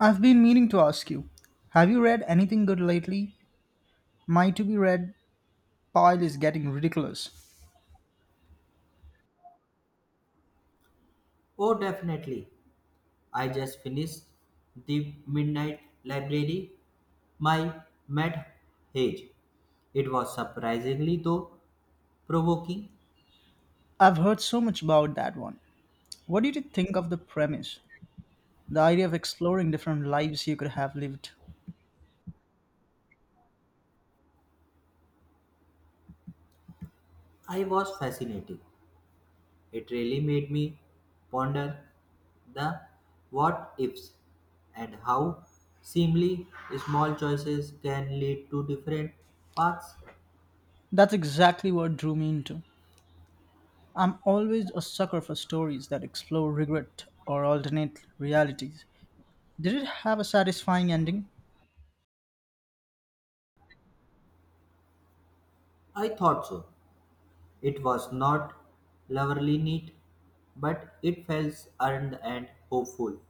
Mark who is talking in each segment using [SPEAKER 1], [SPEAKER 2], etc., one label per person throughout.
[SPEAKER 1] I've been meaning to ask you, have you read anything good lately? My to be read pile is getting ridiculous.
[SPEAKER 2] Oh, definitely. I just finished The Midnight Library by Matt Hage. It was surprisingly, though, provoking.
[SPEAKER 1] I've heard so much about that one. What did you think of the premise? The idea of exploring different lives you could have lived.
[SPEAKER 2] I was fascinated. It really made me ponder the what ifs and how seemingly small choices can lead to different paths.
[SPEAKER 1] That's exactly what drew me into. I'm always a sucker for stories that explore regret or alternate realities. Did it have a satisfying ending?
[SPEAKER 2] I thought so. It was not loverly neat, but it felt earned and hopeful,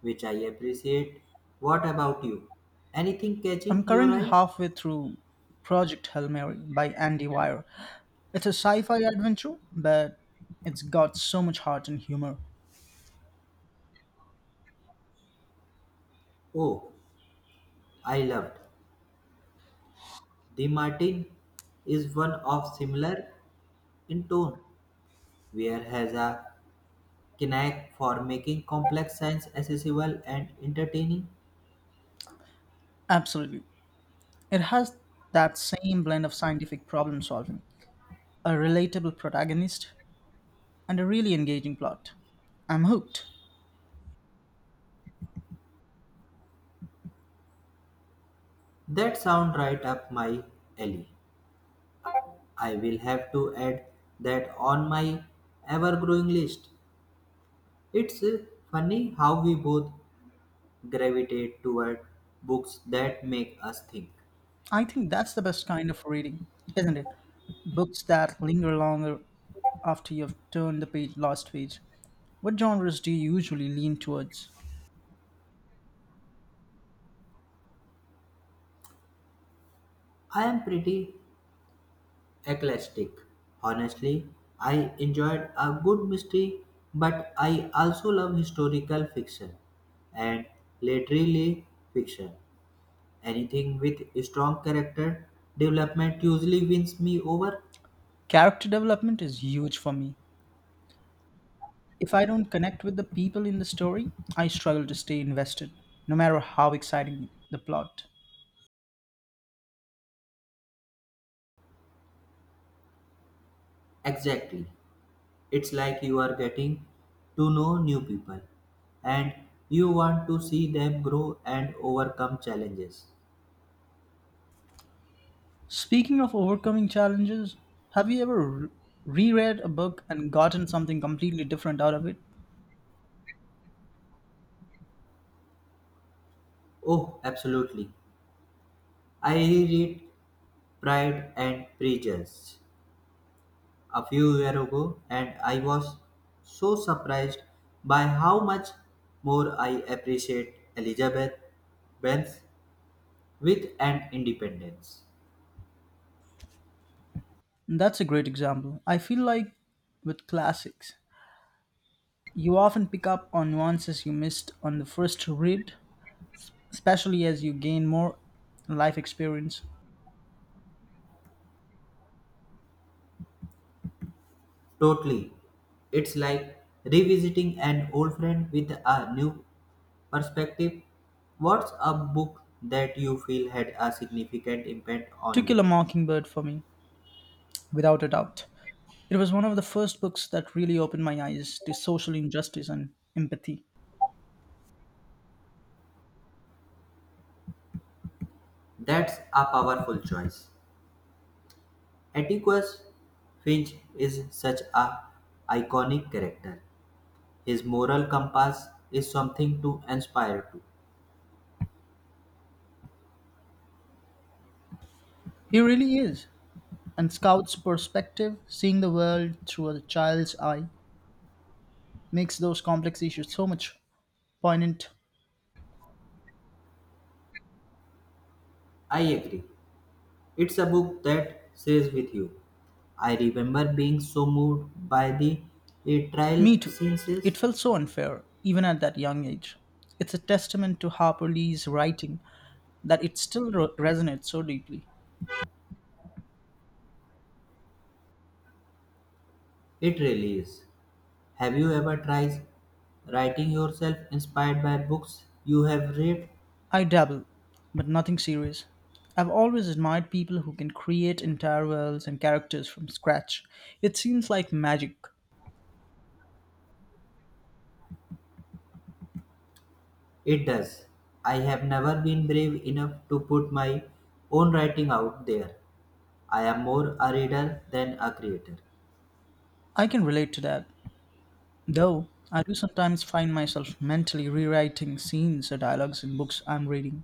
[SPEAKER 2] which I appreciate. What about you? Anything catching
[SPEAKER 1] I'm
[SPEAKER 2] your
[SPEAKER 1] currently
[SPEAKER 2] eye?
[SPEAKER 1] halfway through Project Hail Mary by Andy Weir. It's a sci fi adventure, but it's got so much heart and humor.
[SPEAKER 2] Oh, I loved. The Martin is one of similar in tone, where has a knack for making complex science accessible and entertaining.
[SPEAKER 1] Absolutely. It has that same blend of scientific problem solving, a relatable protagonist, and a really engaging plot. I'm hooked.
[SPEAKER 2] That sound right up my alley. I will have to add that on my ever-growing list. It's funny how we both gravitate toward books that make us think.
[SPEAKER 1] I think that's the best kind of reading, isn't it? Books that linger longer after you've turned the page, last page. What genres do you usually lean towards?
[SPEAKER 2] I am pretty eclectic. Honestly, I enjoyed a good mystery, but I also love historical fiction and literary fiction. Anything with strong character development usually wins me over.
[SPEAKER 1] Character development is huge for me. If I don't connect with the people in the story, I struggle to stay invested, no matter how exciting the plot.
[SPEAKER 2] Exactly. It's like you are getting to know new people and you want to see them grow and overcome challenges.
[SPEAKER 1] Speaking of overcoming challenges, have you ever reread a book and gotten something completely different out of it?
[SPEAKER 2] Oh, absolutely. I reread Pride and Prejudice a few years ago, and I was so surprised by how much more I appreciate Elizabeth Benz with and independence.
[SPEAKER 1] That's a great example. I feel like with classics, you often pick up on nuances you missed on the first read, especially as you gain more life experience.
[SPEAKER 2] Totally. It's like revisiting an old friend with a new perspective. What's a book that you feel had a significant impact
[SPEAKER 1] To
[SPEAKER 2] on
[SPEAKER 1] Kill
[SPEAKER 2] you?
[SPEAKER 1] a Mockingbird for me, without a doubt. It was one of the first books that really opened my eyes to social injustice and empathy.
[SPEAKER 2] That's a powerful choice. Atticus Finch is such a iconic character. His moral compass is something to aspire to.
[SPEAKER 1] He really is. And Scout's perspective, seeing the world through a child's eye, makes those complex issues so much poignant.
[SPEAKER 2] I agree. It's a book that stays with you. I remember being so moved by the trial
[SPEAKER 1] Me too.
[SPEAKER 2] scenes. It
[SPEAKER 1] It felt so unfair, even at that young age. It's a testament to Harper Lee's writing that it still resonates so deeply.
[SPEAKER 2] really is. Have you ever tried writing yourself inspired by books you have read?
[SPEAKER 1] I dabble, but nothing serious. I've always admired people who can create entire worlds and characters from scratch. It seems like magic.
[SPEAKER 2] It does. I have never been brave enough to put my own writing out there. I am more a reader than a creator.
[SPEAKER 1] I can relate to that, though I do sometimes find myself mentally rewriting scenes or dialogues in books I'm reading.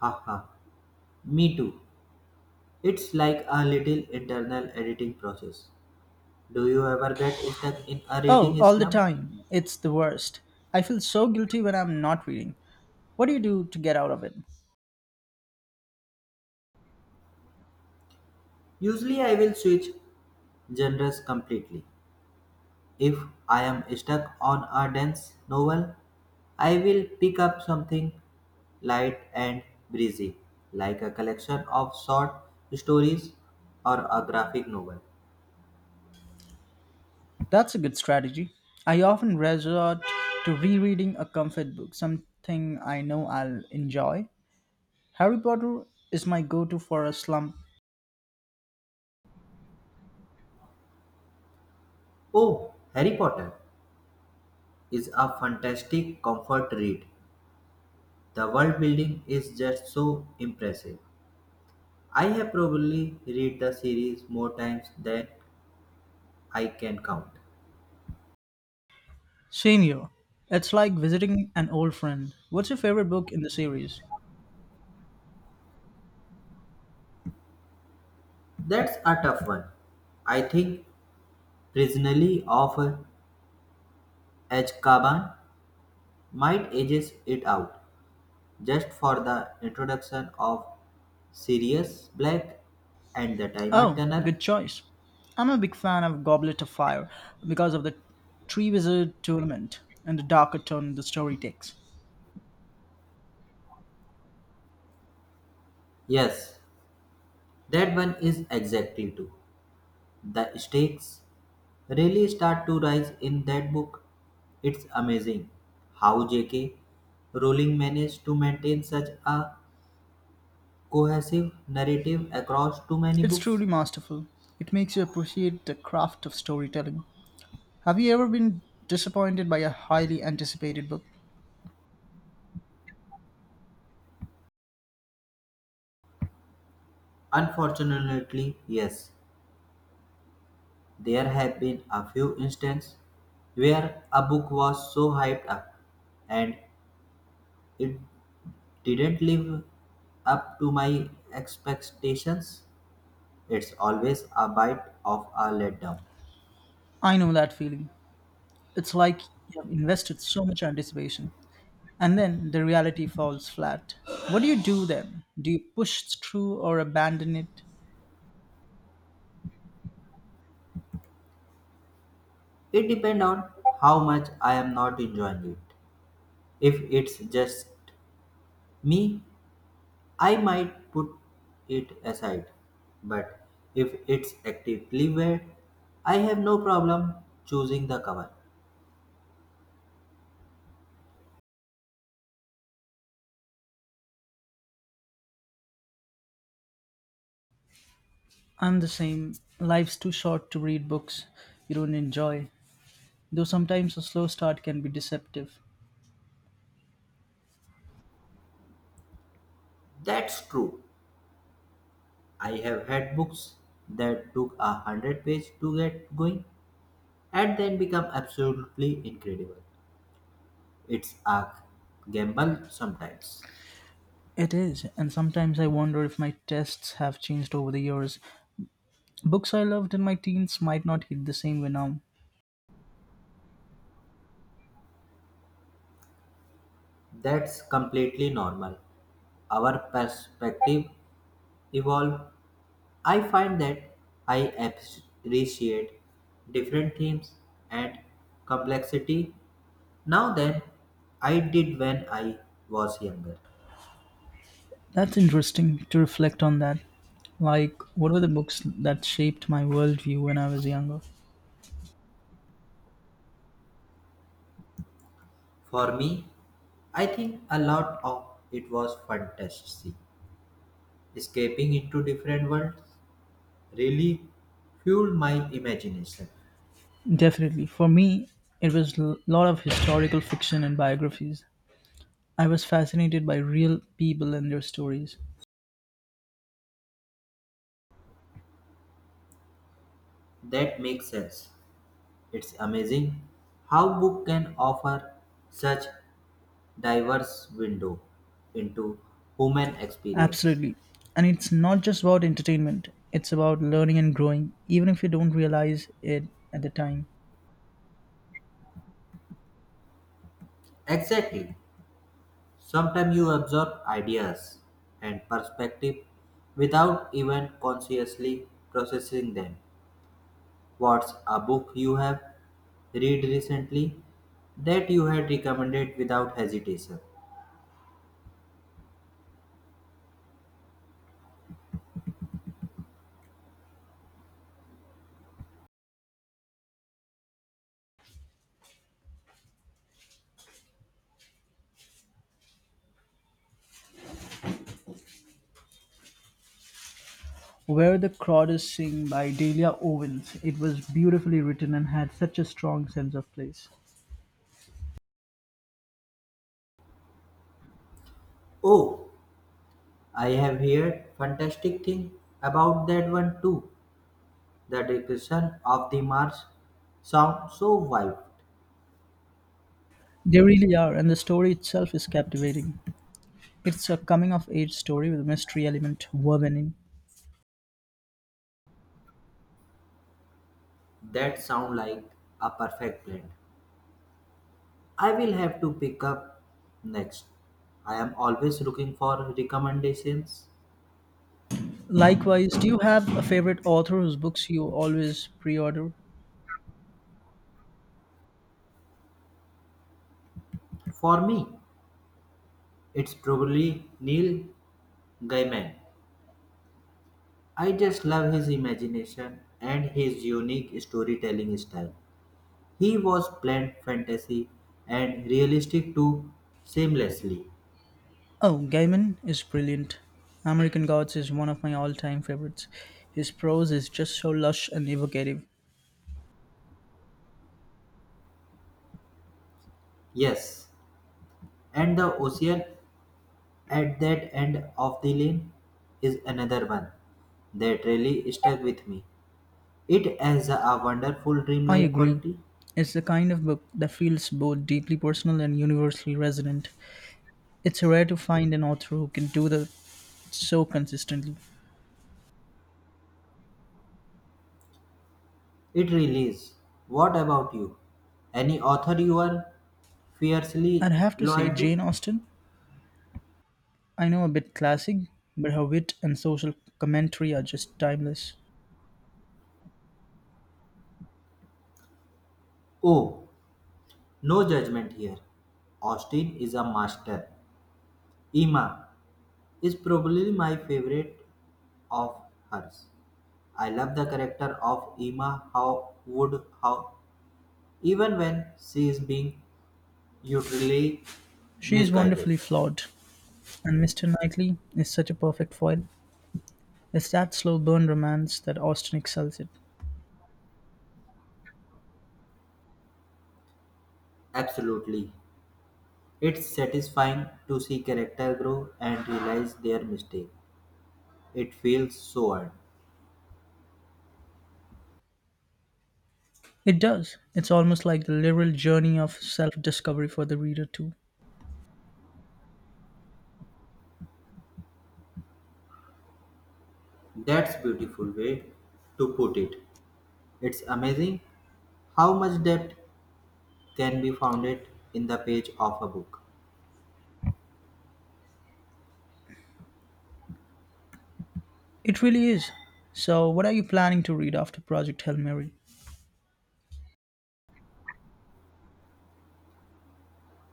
[SPEAKER 2] Haha. Me too. It's like a little internal editing process. Do you ever get stuck in a
[SPEAKER 1] Oh,
[SPEAKER 2] reading
[SPEAKER 1] all the
[SPEAKER 2] slump?
[SPEAKER 1] time. It's the worst. I feel so guilty when I'm not reading. What do you do to get out of it?
[SPEAKER 2] Usually, I will switch genres completely. If I am stuck on a dense novel, I will pick up something light and breezy, like a collection of short stories or a graphic novel.
[SPEAKER 1] That's a good strategy. I often resort to rereading a comfort book, something I know I'll enjoy. Harry Potter is my go to for a slump.
[SPEAKER 2] Oh, Harry Potter is a fantastic comfort read. The world building is just so impressive. I have probably read the series more times than I can count.
[SPEAKER 1] Same here. It's like visiting an old friend. What's your favorite book in the series?
[SPEAKER 2] That's a tough one. I think Prisoner of Azkaban might edges it out just for the introduction of Sirius Black and the Timer
[SPEAKER 1] Oh,
[SPEAKER 2] Turner.
[SPEAKER 1] good choice. I'm a big fan of Goblet of Fire because of the Tree Wizard tournament and the darker turn the story takes.
[SPEAKER 2] Yes, that one is exactly too. The stakes really start to rise in that book. It's amazing how J.K. Rowling managed to maintain such a cohesive narrative across too many
[SPEAKER 1] It's
[SPEAKER 2] books?
[SPEAKER 1] truly masterful. It makes you appreciate the craft of storytelling. Have you ever been disappointed by a highly anticipated book?
[SPEAKER 2] Unfortunately, yes. There have been a few instances where a book was so hyped up and it didn't live up to my expectations. It's always a bite of a letdown.
[SPEAKER 1] I know that feeling. It's like you have invested so much anticipation and then the reality falls flat. What do you do then? Do you push through or abandon it?
[SPEAKER 2] It depends on how much I am not enjoying it. If it's just me, I might put it aside, but if it's actively wear, I have no problem choosing the cover.
[SPEAKER 1] I'm the same. Life's too short to read books you don't enjoy, though sometimes a slow start can be deceptive.
[SPEAKER 2] That's true. I have had books that took a hundred pages to get going and then become absolutely incredible. It's a gamble sometimes.
[SPEAKER 1] It is, and sometimes I wonder if my tastes have changed over the years. Books I loved in my teens might not hit the same way now.
[SPEAKER 2] That's completely normal. Our perspective evolve, I find that I appreciate different themes and complexity now than I did when I was younger.
[SPEAKER 1] That's interesting to reflect on that. Like, what were the books that shaped my worldview when I was younger?
[SPEAKER 2] For me, I think a lot of it was fantasy. Escaping into different worlds really fueled my imagination.
[SPEAKER 1] Definitely. For me, it was a lot of historical fiction and biographies. I was fascinated by real people and their stories.
[SPEAKER 2] That makes sense. It's amazing how book can offer such diverse window into human experience.
[SPEAKER 1] Absolutely. And it's not just about entertainment, it's about learning and growing, even if you don't realize it at the time.
[SPEAKER 2] Exactly. Sometimes you absorb ideas and perspective without even consciously processing them. What's a book you have read recently that you had recommended without hesitation?
[SPEAKER 1] Where the Crowd is Sing by Delia Owens. It was beautifully written and had such a strong sense of place.
[SPEAKER 2] Oh, I have heard fantastic thing about that one too. The description of the Mars sounds so wild.
[SPEAKER 1] They really are, and the story itself is captivating. It's a coming of age story with a mystery element woven in.
[SPEAKER 2] That sound like a perfect blend. I will have to pick up next. I am always looking for recommendations.
[SPEAKER 1] Likewise, do you have a favorite author whose books you always pre order?
[SPEAKER 2] For me, it's probably Neil Gaiman. I just love his imagination and his unique storytelling style. He was blend fantasy and realistic too seamlessly.
[SPEAKER 1] Oh, Gaiman is brilliant. American Gods is one of my all time favorites. His prose is just so lush and evocative.
[SPEAKER 2] Yes, and the ocean at that end of the lane is another one that really stuck with me. It has a wonderful
[SPEAKER 1] I
[SPEAKER 2] dreamlike
[SPEAKER 1] agree.
[SPEAKER 2] quality.
[SPEAKER 1] It's the kind of book that feels both deeply personal and universally resonant. It's rare to find an author who can do that so consistently.
[SPEAKER 2] It really is. What about you? Any author you are
[SPEAKER 1] I'd
[SPEAKER 2] fiercely
[SPEAKER 1] have to say,
[SPEAKER 2] loyal
[SPEAKER 1] Jane
[SPEAKER 2] to?
[SPEAKER 1] Austen, I know a bit classic, but her wit and social commentary are just timeless.
[SPEAKER 2] Oh, no judgment here. Austin is a master. Emma is probably my favorite of hers. I love the character of Emma. How would how even when she is being utterly
[SPEAKER 1] She is
[SPEAKER 2] misguided.
[SPEAKER 1] wonderfully flawed, and Mr. Knightley is such a perfect foil. It's that slow burn romance that Austen excels at.
[SPEAKER 2] Absolutely. It's satisfying to see character grow and realize their mistake. It feels so earned.
[SPEAKER 1] It does. It's almost like the literal journey of self discovery for the reader, too.
[SPEAKER 2] That's beautiful way to put it. It's amazing how much depth can be founded in the page of a book.
[SPEAKER 1] It really is. So, what are you planning to read after Project Hail Mary?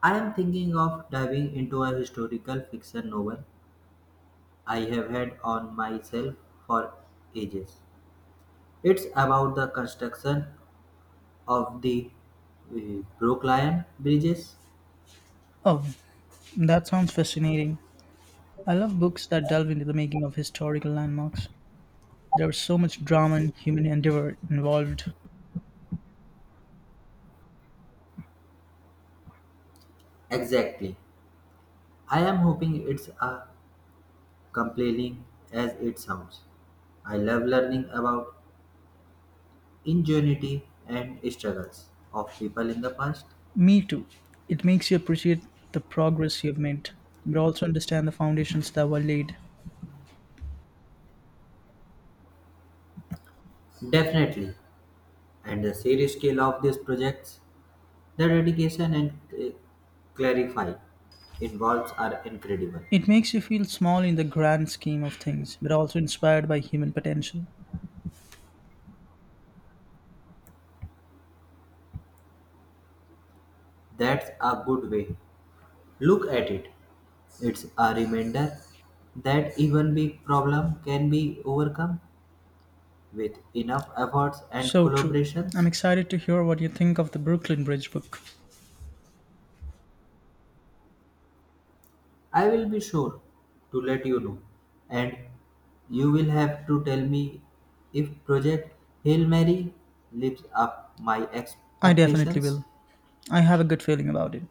[SPEAKER 2] I am thinking of diving into a historical fiction novel I have had on myself for ages. It's about the construction of the Brooklyn bridges.
[SPEAKER 1] Oh, that sounds fascinating. I love books that delve into the making of historical landmarks. There's so much drama and human endeavor involved.
[SPEAKER 2] Exactly. I am hoping it's as compelling as it sounds. I love learning about ingenuity and struggles of people in the past?
[SPEAKER 1] Me too. It makes you appreciate the progress you've made, but also understand the foundations that were laid.
[SPEAKER 2] Definitely. And the serious scale of these projects, the dedication and clarify involves are incredible.
[SPEAKER 1] It makes you feel small in the grand scheme of things, but also inspired by human potential.
[SPEAKER 2] That's a good way. Look at it. It's a reminder that even big problem can be overcome with enough efforts and
[SPEAKER 1] So true. I'm
[SPEAKER 2] collaborations.
[SPEAKER 1] excited to hear what you think of the Brooklyn Bridge book.
[SPEAKER 2] I will be sure to let you know, and you will have to tell me if Project Hail Mary lives up my
[SPEAKER 1] I definitely
[SPEAKER 2] expectations.
[SPEAKER 1] will. I have a good feeling about it.